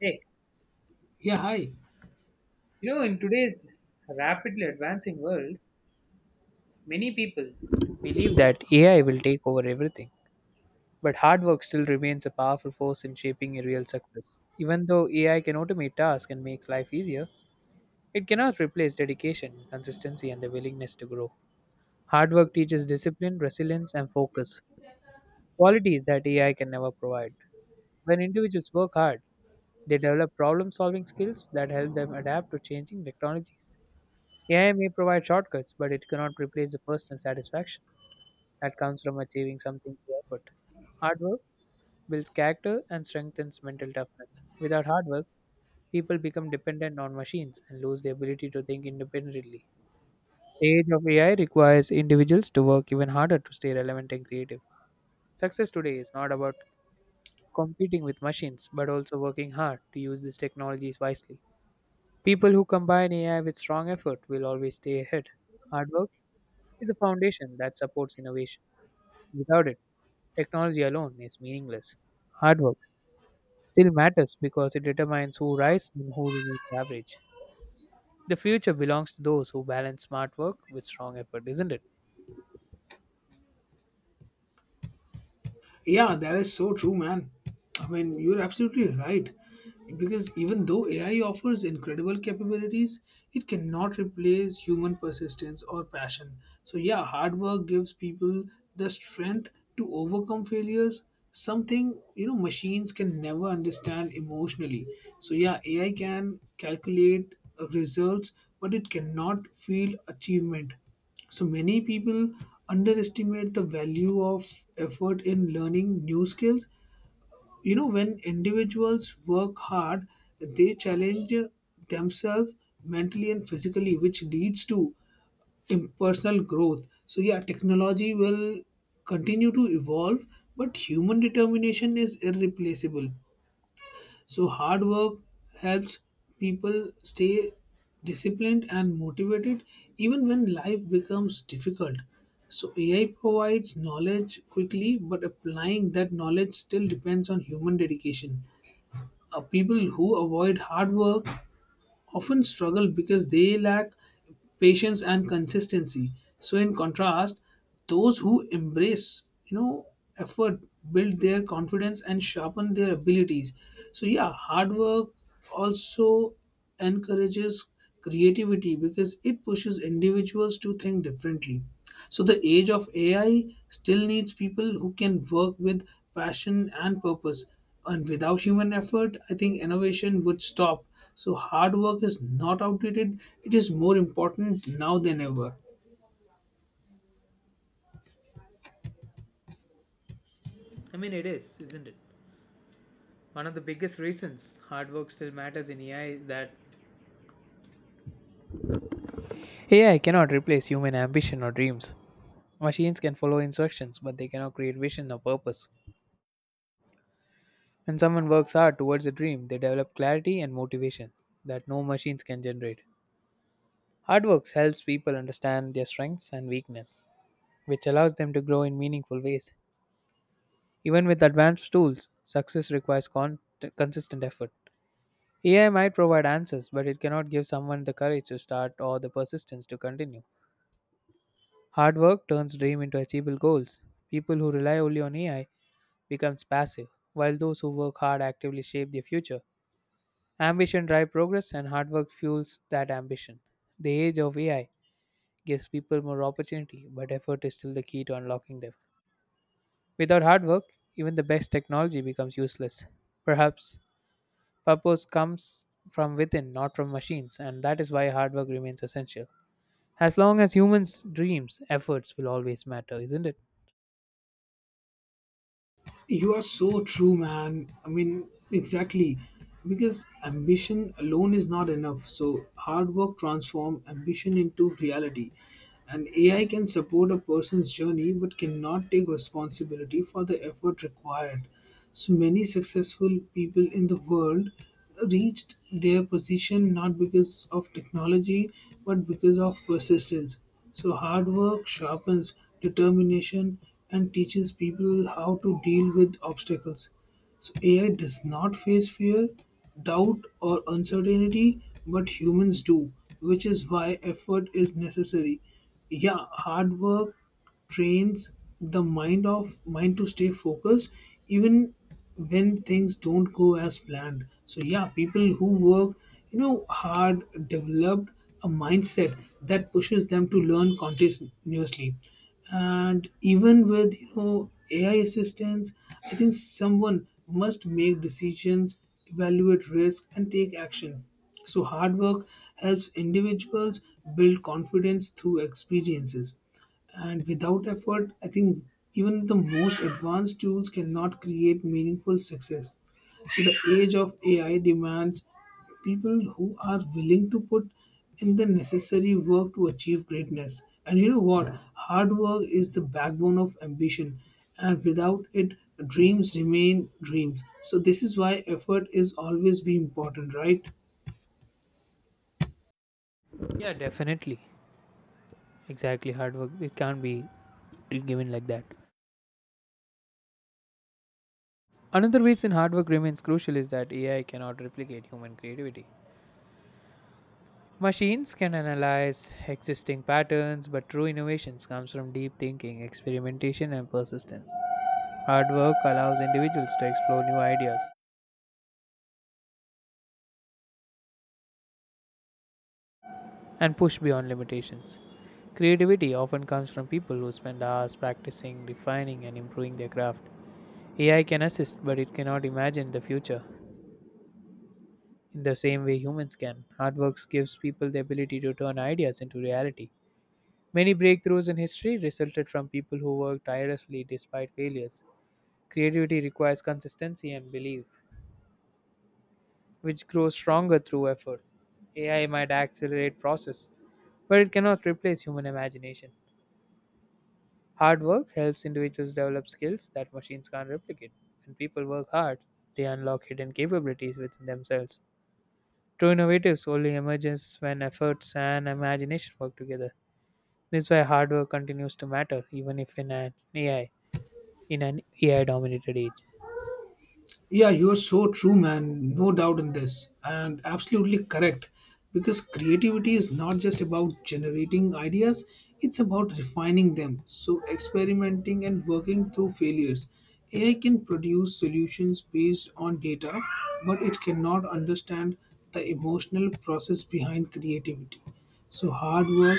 Hey, in today's rapidly advancing world, many people believe that AI will take over everything. But hard work still remains a powerful force in shaping a real success. Even though AI can automate tasks and makes life easier, it cannot replace dedication, consistency, and the willingness to grow. Hard work teaches discipline, resilience, and focus, qualities that AI can never provide. When individuals work hard, they develop problem solving skills that help them adapt to changing technologies. AI may provide shortcuts, but it cannot replace the personal satisfaction that comes from achieving something through effort. Hard work builds character and strengthens mental toughness. Without hard work, people become dependent on machines and lose the ability to think independently. The age of AI requires individuals to work even harder to stay relevant and creative. Success today is not about competing with machines, but also working hard to use these technologies wisely. People who combine AI with strong effort will always stay ahead. Hard work is a foundation that supports innovation. Without it, technology alone is meaningless. Hard work still matters because it determines who rises and who remains average. The future belongs to those who balance smart work with strong effort, isn't it? Yeah, that is so true, man. I mean, you're absolutely right. Because even though AI offers incredible capabilities, it cannot replace human persistence or passion. So, yeah, hard work gives people the strength to overcome failures, something machines can never understand emotionally. So, yeah, AI can calculate results, but it cannot feel achievement. So many people underestimate the value of effort in learning new skills. When individuals work hard, they challenge themselves mentally and physically, which leads to personal growth. So, yeah, technology will continue to evolve, but human determination is irreplaceable. So hard work helps people stay disciplined and motivated even when life becomes difficult. So AI provides knowledge quickly, but applying that knowledge still depends on human dedication. People who avoid hard work often struggle because they lack patience and consistency. So in contrast, those who embrace effort build their confidence and sharpen their abilities. So yeah, hard work also encourages creativity because it pushes individuals to think differently. So the age of AI still needs people who can work with passion and purpose. And without human effort, I think innovation would stop. So, hard work is not outdated, it is more important now than ever. I mean, it is, isn't it? One of the biggest reasons hard work still matters in AI is that AI cannot replace human ambition or dreams. Machines can follow instructions, but they cannot create vision or purpose. When someone works hard towards a dream, they develop clarity and motivation that no machines can generate. Hard work helps people understand their strengths and weakness, which allows them to grow in meaningful ways. Even with advanced tools, success requires consistent effort. AI might provide answers, but it cannot give someone the courage to start or the persistence to continue. Hard work turns dream into achievable goals. People who rely only on AI becomes passive, while those who work hard actively shape their future. Ambition drives progress and hard work fuels that ambition. The age of AI gives people more opportunity, but effort is still the key to unlocking them. Without hard work, even the best technology becomes useless. Perhaps purpose comes from within, not from machines, and that is why hard work remains essential. As long as humans' dreams, efforts will always matter, isn't it? You are so true, man. I mean, exactly. Because ambition alone is not enough. So, hard work transform ambition into reality. And AI can support a person's journey but cannot take responsibility for the effort required. So many successful people in the world reached their position not because of technology but because of persistence. So hard work sharpens determination and teaches people how to deal with obstacles. So AI does not face fear, doubt, or uncertainty, but humans do, which is why effort is necessary. Yeah, hard work trains the mind to stay focused even when things don't go as planned. So yeah, people who work hard developed a mindset that pushes them to learn continuously. And even with AI assistance, I think someone must make decisions, evaluate risk, and take action. So hard work helps individuals build confidence through experiences. And without effort, I think even the most advanced tools cannot create meaningful success. So the age of AI demands people who are willing to put in the necessary work to achieve greatness. And you know what? Hard work is the backbone of ambition, and without it, dreams remain dreams. So this is why effort is always be important, right? Yeah, definitely. Exactly, hard work. It can't be given like that. Another reason hard work remains crucial is that AI cannot replicate human creativity. Machines can analyze existing patterns, but true innovations comes from deep thinking, experimentation and persistence. Hard work allows individuals to explore new ideas and push beyond limitations. Creativity often comes from people who spend hours practicing, refining and improving their craft. AI can assist, but it cannot imagine the future in the same way humans can. Hard work gives people the ability to turn ideas into reality. Many breakthroughs in history resulted from people who worked tirelessly despite failures. Creativity requires consistency and belief, which grows stronger through effort. AI might accelerate process, but it cannot replace human imagination. Hard work helps individuals develop skills that machines can't replicate. When people work hard, they unlock hidden capabilities within themselves. True innovatives only emerges when efforts and imagination work together. This is why hard work continues to matter, even if in an AI in an AI dominated age. Yeah, you're so true, man. No doubt in this. And absolutely correct. Because creativity is not just about generating ideas, it's about refining them. So, experimenting and working through failures. AI can produce solutions based on data, but it cannot understand the emotional process behind creativity. So, hard work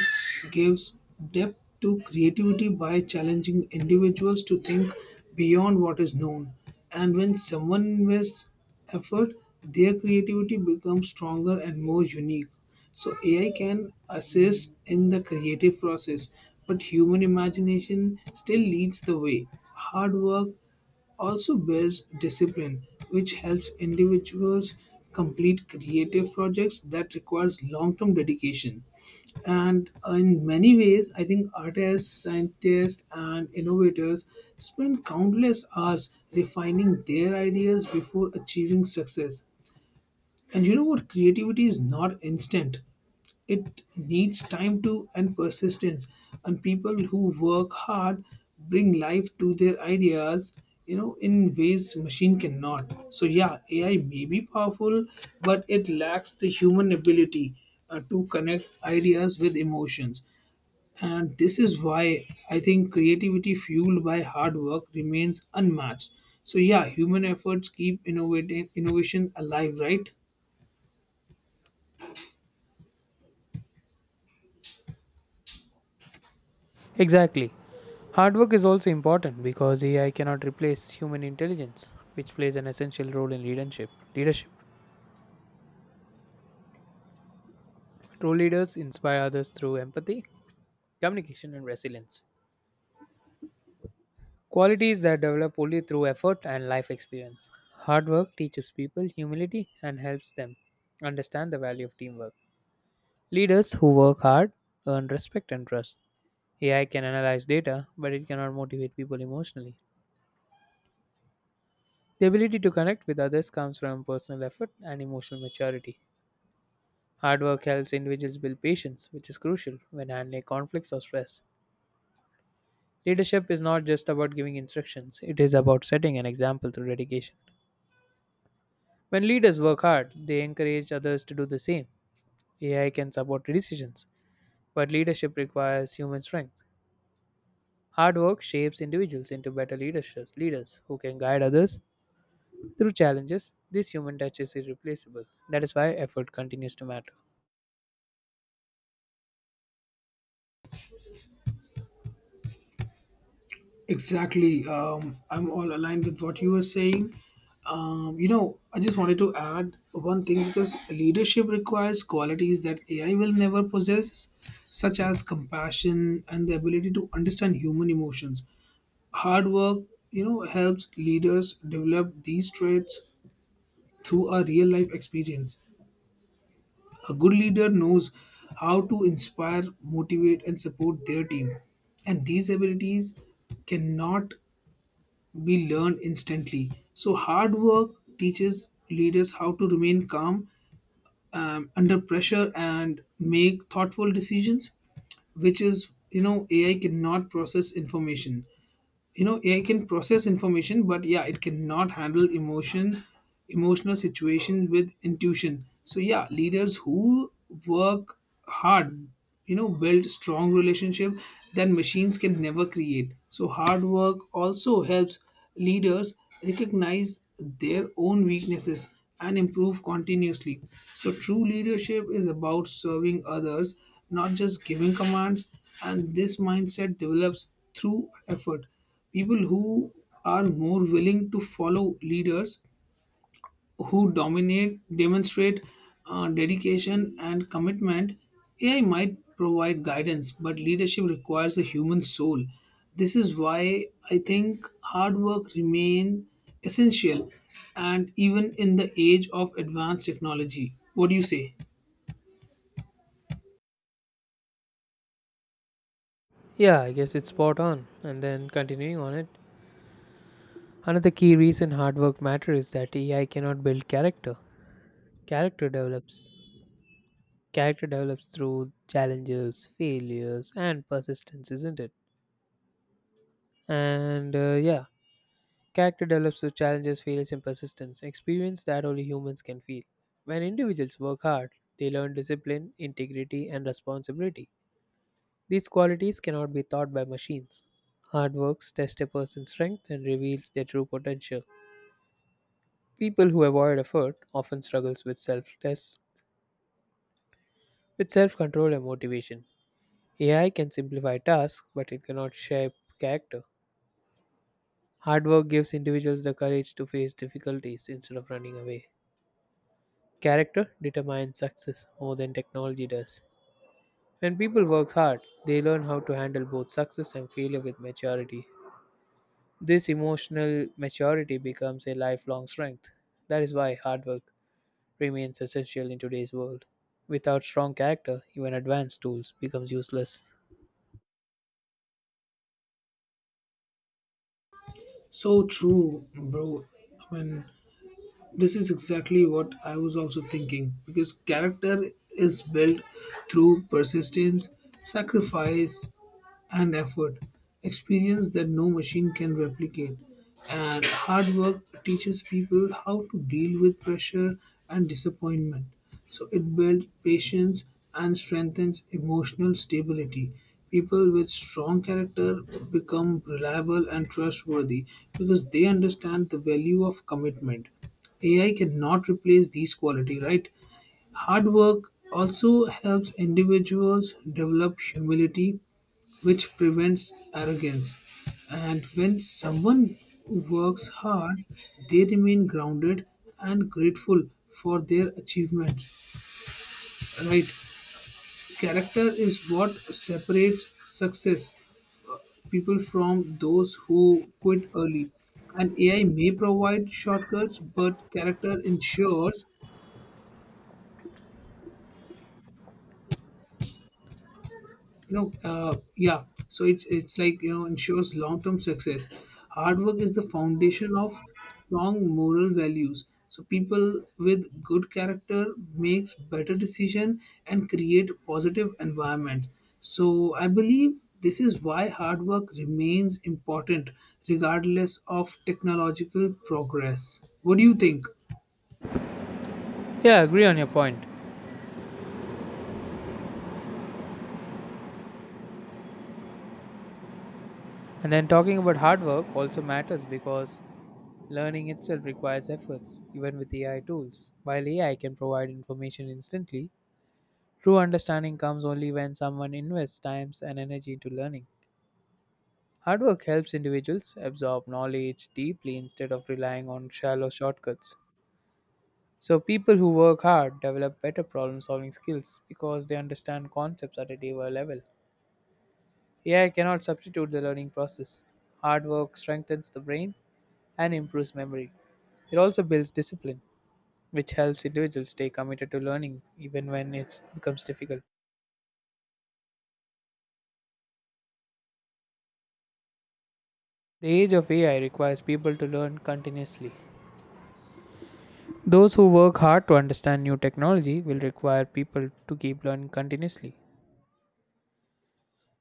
gives depth to creativity by challenging individuals to think beyond what is known. And when someone invests effort, their creativity becomes stronger and more unique. So AI can assist in the creative process, but human imagination still leads the way. Hard work also builds discipline, which helps individuals complete creative projects that requires long-term dedication. And in many ways, I think artists, scientists, and innovators spend countless hours refining their ideas before achieving success. And you know what? Creativity is not instant. It needs time to and persistence. And people who work hard bring life to their ideas, in ways machine cannot. So yeah, AI may be powerful, but it lacks the human ability to connect ideas with emotions. And this is why I think creativity fueled by hard work remains unmatched. So yeah, human efforts keep innovating innovation alive, right? Exactly. Hard work is also important because AI cannot replace human intelligence, which plays an essential role in leadership. True leaders inspire others through empathy, communication, and resilience. Qualities that develop only through effort and life experience. Hard work teaches people humility and helps them understand the value of teamwork. Leaders who work hard earn respect and trust. AI can analyze data, but it cannot motivate people emotionally. The ability to connect with others comes from personal effort and emotional maturity. Hard work helps individuals build patience, which is crucial when handling conflicts or stress. Leadership is not just about giving instructions, it is about setting an example through dedication. When leaders work hard, they encourage others to do the same. AI can support decisions, but leadership requires human strength. Hard work shapes individuals into better leaders who can guide others through challenges. This human touch is irreplaceable. That is why effort continues to matter. Exactly. I'm all aligned with what you were saying. I just wanted to add one thing because leadership requires qualities that AI will never possess, such as compassion and the ability to understand human emotions. Hard work, helps leaders develop these traits through a real life experience. A good leader knows how to inspire, motivate, and support their team, and these abilities cannot be learned instantly. So, hard work teaches leaders how to remain calm under pressure and make thoughtful decisions, which is, AI cannot process information. AI can process information, but yeah, it cannot handle emotional situations with intuition. So yeah, leaders who work hard build strong relationship that machines can never create. So hard work also helps leaders recognize their own weaknesses and improve continuously. So true leadership is about serving others, not just giving commands, and this mindset develops through effort. People who are more willing to follow leaders who dominate demonstrate dedication and commitment. AI might provide guidance, but leadership requires a human soul. This is why I think hard work remain essential, and even in the age of advanced technology, what do you say? Yeah, I guess it's spot on. And then continuing on it, another key reason hard work matters is that AI cannot build character. Character develops character develops through challenges, failures, and persistence, isn't it? And yeah, character develops through challenges, failures, and persistence. Experience that only humans can feel. When individuals work hard, they learn discipline, integrity, and responsibility. These qualities cannot be taught by machines. Hard work tests a person's strength and reveals their true potential. People who avoid effort often struggles with self-tests With self control and motivation. AI can simplify tasks, but it cannot shape character. Hard work gives individuals the courage to face difficulties instead of running away. Character determines success more than technology does. When people work hard, they learn how to handle both success and failure with maturity. This emotional maturity becomes a lifelong strength. That is why hard work remains essential in today's world. Without strong character, even advanced tools becomes useless. So true, bro. I mean, this is exactly what I was also thinking because character is built through persistence, sacrifice, and effort. Experience that no machine can replicate. And hard work teaches people how to deal with pressure and disappointment. So it builds patience and strengthens emotional stability. People with strong character become reliable and trustworthy because they understand the value of commitment. AI cannot replace these quality, right? Hard work also helps individuals develop humility, which prevents arrogance. And when someone works hard, they remain grounded and grateful for their achievements. Right? Character is what separates success people from those who quit early. And AI may provide shortcuts, but character ensures so it's like ensures long term success. Hard work is the foundation of strong moral values. So people with good character makes better decision and create positive environment. So I believe this is why hard work remains important regardless of technological progress. What do you think? Yeah, I agree on your point. And then talking about hard work also matters because learning itself requires efforts, even with AI tools. While AI can provide information instantly, true understanding comes only when someone invests time and energy into learning. Hard work helps individuals absorb knowledge deeply instead of relying on shallow shortcuts. So, people who work hard develop better problem solving skills because they understand concepts at a deeper level. AI cannot substitute the learning process. Hard work strengthens the brain and improves memory. It also builds discipline, which helps individuals stay committed to learning even when it becomes difficult. The age of AI requires people to learn continuously. Those who work hard to understand new technology will require people to keep learning continuously,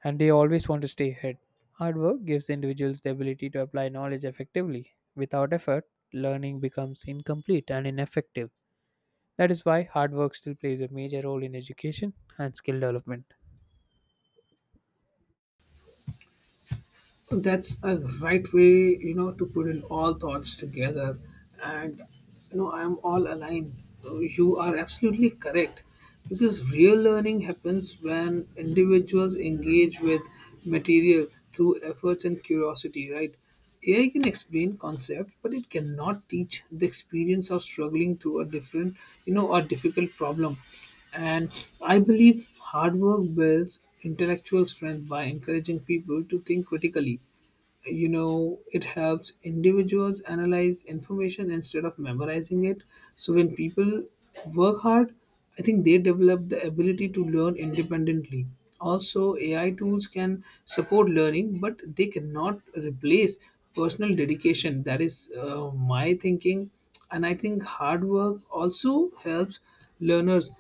and they always want to stay ahead. Hard work gives individuals the ability to apply knowledge effectively. Without effort, learning becomes incomplete and ineffective. That is why hard work still plays a major role in education and skill development. That's a right way, to put in all thoughts together. And I'm all aligned. So you are absolutely correct. Because real learning happens when individuals engage with material through efforts and curiosity, right? AI can explain concepts, but it cannot teach the experience of struggling through a different, you know, a difficult problem. And I believe hard work builds intellectual strength by encouraging people to think critically. It helps individuals analyze information instead of memorizing it. So when people work hard, I think they develop the ability to learn independently. Also, AI tools can support learning, but they cannot replace personal dedication. That is my thinking. And I think hard work also helps learners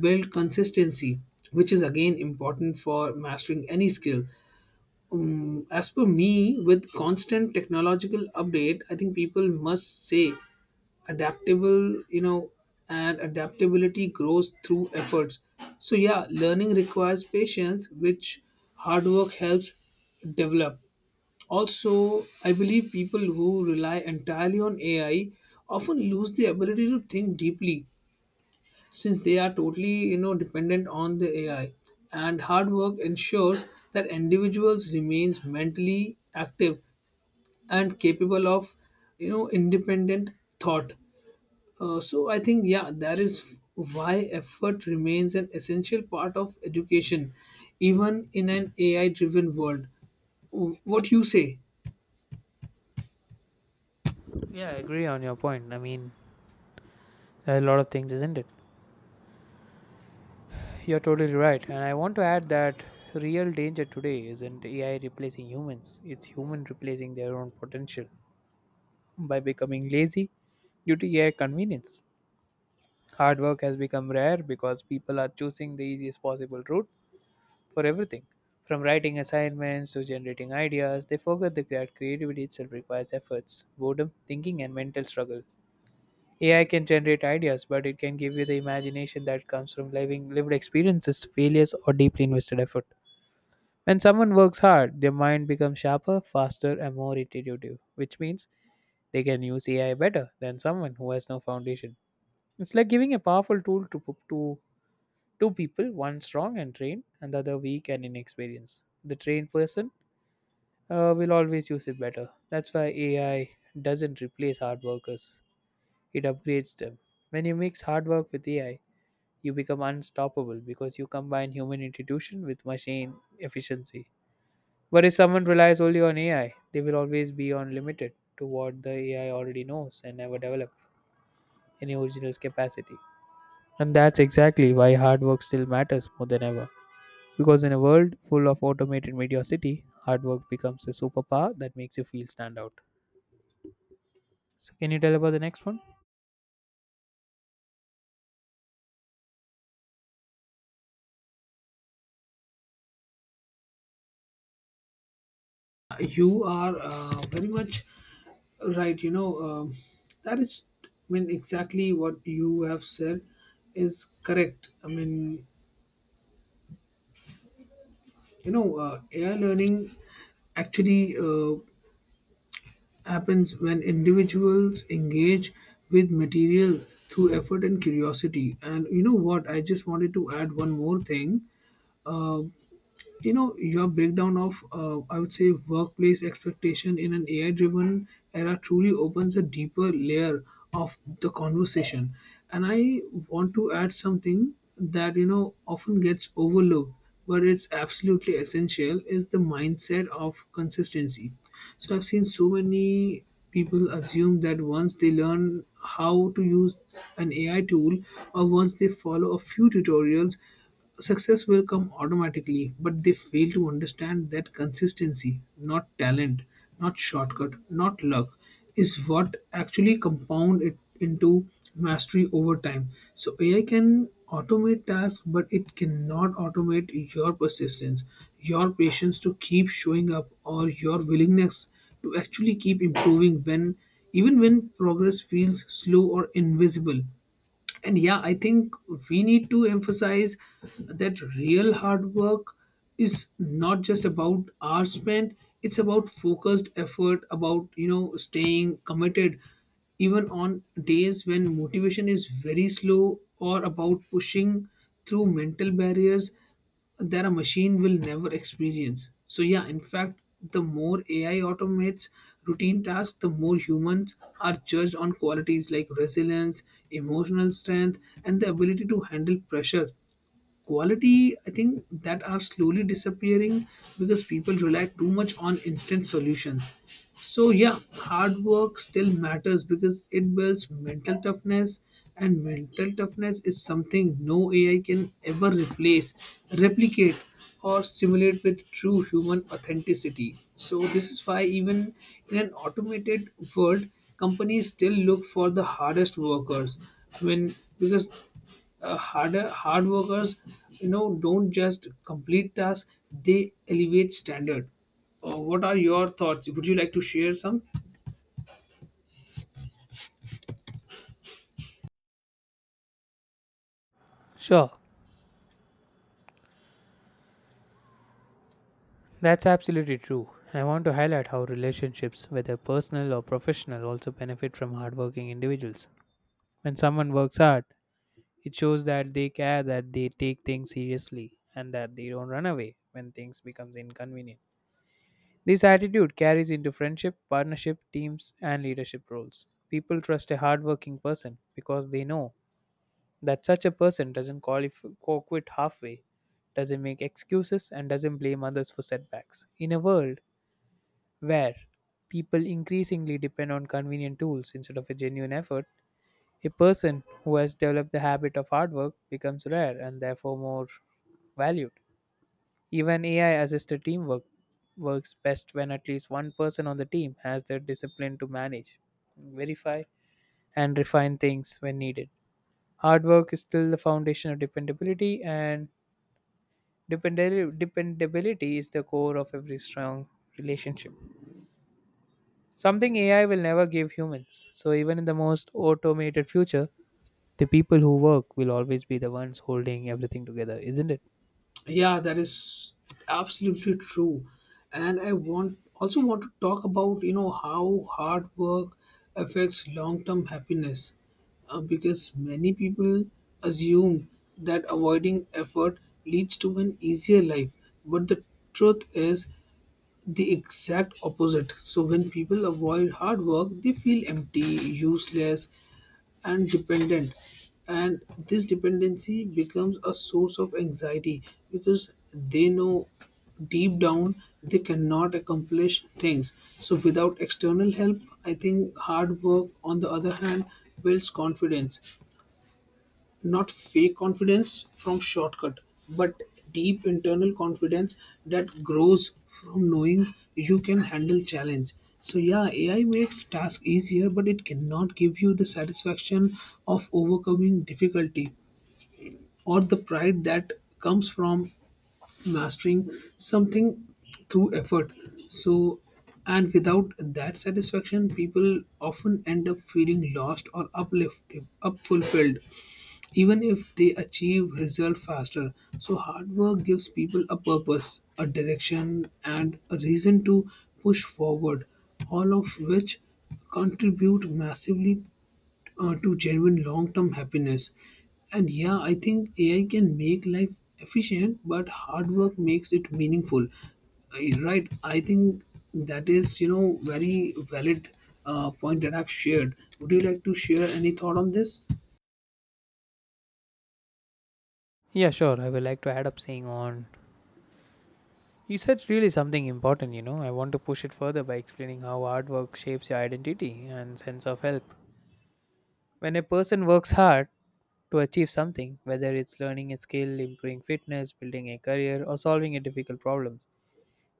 build consistency, which is again important for mastering any skill. As per me, with constant technological update, I think people must say adaptable, and adaptability grows through efforts. So yeah, learning requires patience, which hard work helps develop. Also, I believe people who rely entirely on AI often lose the ability to think deeply, since they are totally dependent on the AI. And hard work ensures that individuals remains mentally active and capable of independent thought. So I think, yeah, that is why effort remains an essential part of education, even in an AI driven world. What you say? Yeah, I agree on your point. I mean, there are a lot of things, isn't it? You're totally right. And I want to add that real danger today isn't AI replacing humans, it's human replacing their own potential by becoming lazy due to AI convenience. Hard work has become rare because people are choosing the easiest possible route for everything, from writing assignments to generating ideas. They forget that creativity itself requires efforts, boredom, thinking, and mental struggle. AI can generate ideas, but it can give you the imagination that comes from living lived experiences, failures, or deeply invested effort. When someone works hard, their mind becomes sharper, faster, and more intuitive, which means they can use AI better than someone who has no foundation. It's like giving a powerful tool to two people, one strong and trained, and the other weak and inexperienced. The trained person will always use it better. That's why AI doesn't replace hard workers, it upgrades them. When you mix hard work with AI, you become unstoppable because you combine human intuition with machine efficiency. But if someone relies only on AI, they will always be on limited to what the AI already knows and never develop any original capacity. And that's exactly why hard work still matters more than ever. Because in a world full of automated mediocrity, hard work becomes a superpower that makes you feel stand out. So, can you tell about the next one? You are very much right. That is, I mean, exactly what you have said is correct. I mean, AI learning actually happens when individuals engage with material through effort and curiosity. And you know what? I just wanted to add one more thing. Uh, your breakdown of I would say workplace expectation in an AI driven era truly opens a deeper layer of the conversation. And I want to add something that often gets overlooked, but it's absolutely essential, is the mindset of consistency. So I've seen so many people assume that once they learn how to use an AI tool, or once they follow a few tutorials, success will come automatically, but they fail to understand that consistency, not talent, not shortcut, not luck, is what actually compound it into mastery over time. So AI can automate tasks, but it cannot automate your persistence, your patience to keep showing up, or your willingness to actually keep improving when even when progress feels slow or invisible. And yeah, I think we need to emphasize that real hard work is not just about hours spent. It's about focused effort, about staying committed even on days when motivation is very slow, or about pushing through mental barriers that a machine will never experience. So, yeah, in fact, the more AI automates routine tasks, the more humans are judged on qualities like resilience, emotional strength, and the ability to handle pressure, quality I think that are slowly disappearing because people rely too much on instant solutions. So yeah, hard work still matters because it builds mental toughness, and mental toughness is something no ai can ever replace, replicate, or simulate with true human authenticity. So this is why even in an automated world, companies still look for the hardest workers. i mean because hard workers don't just complete tasks, they elevate standard. What are your thoughts? Would you like to share some? Sure, that's absolutely true. And I want to highlight how relationships, whether personal or professional, also benefit from hardworking individuals. When someone works hard, it shows that they care, that they take things seriously, and that they don't run away when things becomes inconvenient. This attitude carries into friendship, partnership, teams, and leadership roles. People trust a hardworking person because they know that such a person doesn't qualify, quit halfway, doesn't make excuses, and doesn't blame others for setbacks. In a world where people increasingly depend on convenient tools instead of a genuine effort, a person who has developed the habit of hard work becomes rare and therefore more valued. Even AI assisted teamwork works best when at least one person on the team has the discipline to manage, verify, and refine things when needed. Hard work is still the foundation of dependability, and dependability is the core of every strong relationship. Something AI will never give humans. So, even in the most automated future, the people who work will always be the ones holding everything together, isn't it? Yeah, that is absolutely true, and I want also want to talk about how hard work affects long term happiness. Because many people assume that avoiding effort leads to an easier life. But the truth is, the exact opposite. So when people avoid hard work, they feel empty, useless, and dependent. And this dependency becomes a source of anxiety because they know deep down they cannot accomplish things. So, without external help, I think hard work, on the other hand, builds confidence. Not fake confidence from shortcut, but deep internal confidence that grows from knowing you can handle challenge. So yeah, AI makes task easier, but it cannot give you the satisfaction of overcoming difficulty or the pride that comes from mastering something through effort. So, and without that satisfaction, people often end up feeling lost or uplifted up fulfilled, even if they achieve result faster. So hard work gives people a purpose, a direction, and a reason to push forward, all of which contribute massively, to genuine long-term happiness. And yeah, I think AI can make life efficient, but hard work makes it meaningful. Right? I think that is, very valid point that I've shared. Would you like to share any thought on this? Yeah, sure. I would like to add up saying on. You said really something important. I want to push it further by explaining how hard work shapes your identity and sense of help. When a person works hard, to achieve something, whether it's learning a skill, improving fitness, building a career, or solving a difficult problem.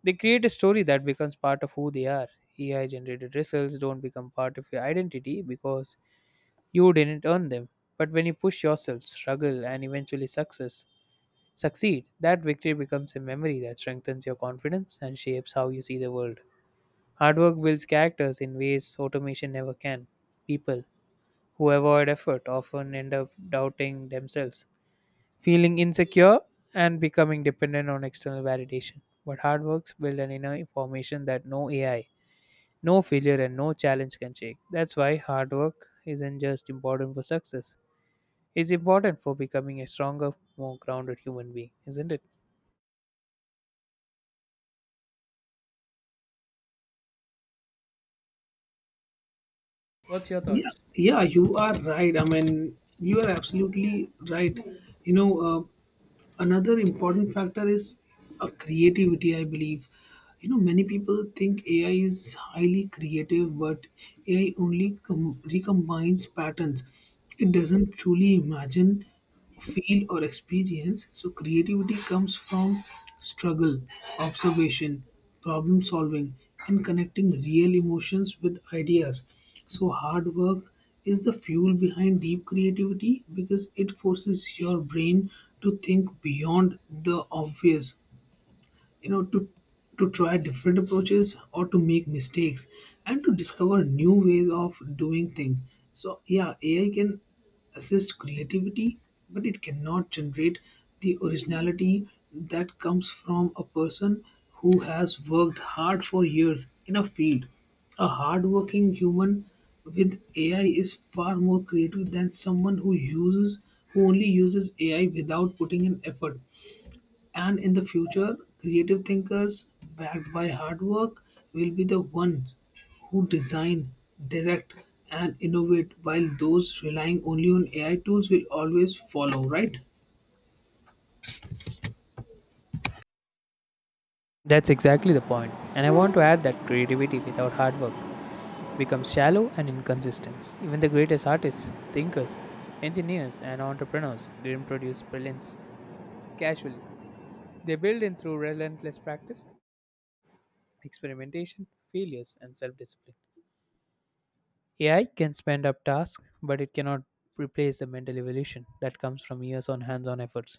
They create a story that becomes part of who they are. AI generated results don't become part of your identity because you didn't earn them. But when you push yourself, struggle, and eventually succeed, that victory becomes a memory that strengthens your confidence and shapes how you see the world. Hard work builds characters in ways automation never can. People who avoid effort often end up doubting themselves, feeling insecure, and becoming dependent on external validation. But hard works build an inner formation that no AI, no failure, and no challenge can shake. That's why hard work isn't just important for success. It's important for becoming a stronger, more grounded human being, isn't it? What's your Yeah, thoughts? yeah, you are right. I mean, you are absolutely right. You know, uh, Another important factor is creativity, I believe. You know, many people think AI is highly creative, but recombines patterns. It doesn't truly imagine, feel, or experience. So creativity comes from struggle, observation, problem solving, and connecting real emotions with ideas. So hard work is the fuel behind deep creativity because it forces your brain to think beyond the obvious, to try different approaches, or to make mistakes, and to discover new ways of doing things. So yeah, ai can assist creativity, but it cannot generate the originality that comes from a person who has worked hard for years in a field. A hardworking human with AI is far more creative than someone who only uses AI without putting in effort. And in the future, creative thinkers backed by hard work will be the ones who design, direct, and innovate, while those relying only on AI tools will always follow, right? That's exactly the point. And I want to add that creativity without hard work becomes shallow and inconsistent. Even the greatest artists, thinkers, engineers, and entrepreneurs didn't produce brilliance casually. They build in through relentless practice, experimentation, failures, and self discipline. AI can spend up tasks, but it cannot replace the mental evolution that comes from years on hands on efforts.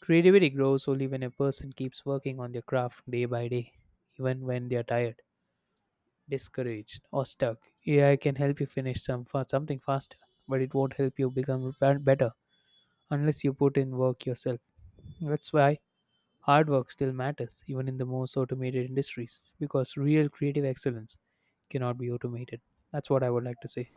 Creativity grows only when a person keeps working on their craft day by day, even when they are tired, discouraged, or stuck. AI can help you finish some something faster, but it won't help you become better unless you put in work yourself. That's why hard work still matters, even in the most automated industries, because real creative excellence cannot be automated. That's what I would like to say.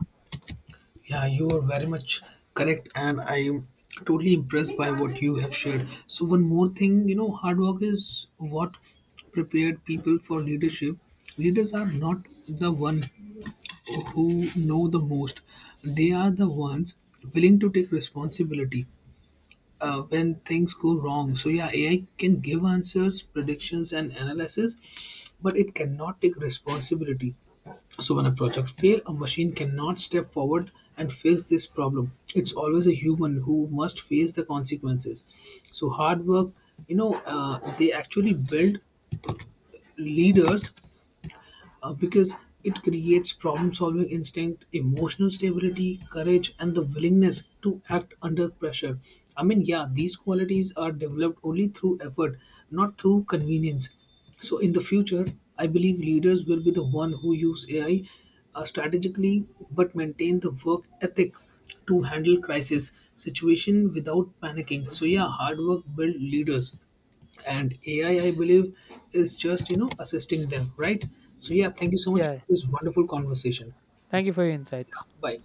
Yeah, you are very much correct, and I am totally impressed by what you have shared. So, one more thing, hard work is what prepared people for leadership. Leaders are not the one who know the most, they are the ones willing to take responsibility when things go wrong. So yeah, ai can give answers, predictions, and analysis, but it cannot take responsibility. So when a project fails, a machine cannot step forward and fix this problem. It's always a human who must face the consequences. So hard work, they actually build leaders, because it creates problem solving instinct, emotional stability, courage, and the willingness to act under pressure. I mean, yeah, these qualities are developed only through effort, not through convenience. So, in the future, I believe leaders will be the one who use AI strategically, but maintain the work ethic to handle crisis situation without panicking. So yeah, hard work build leaders, and AI, I believe, is just assisting them, right? So yeah, thank you so much for Yeah, this wonderful conversation. thank you for your insights. Bye.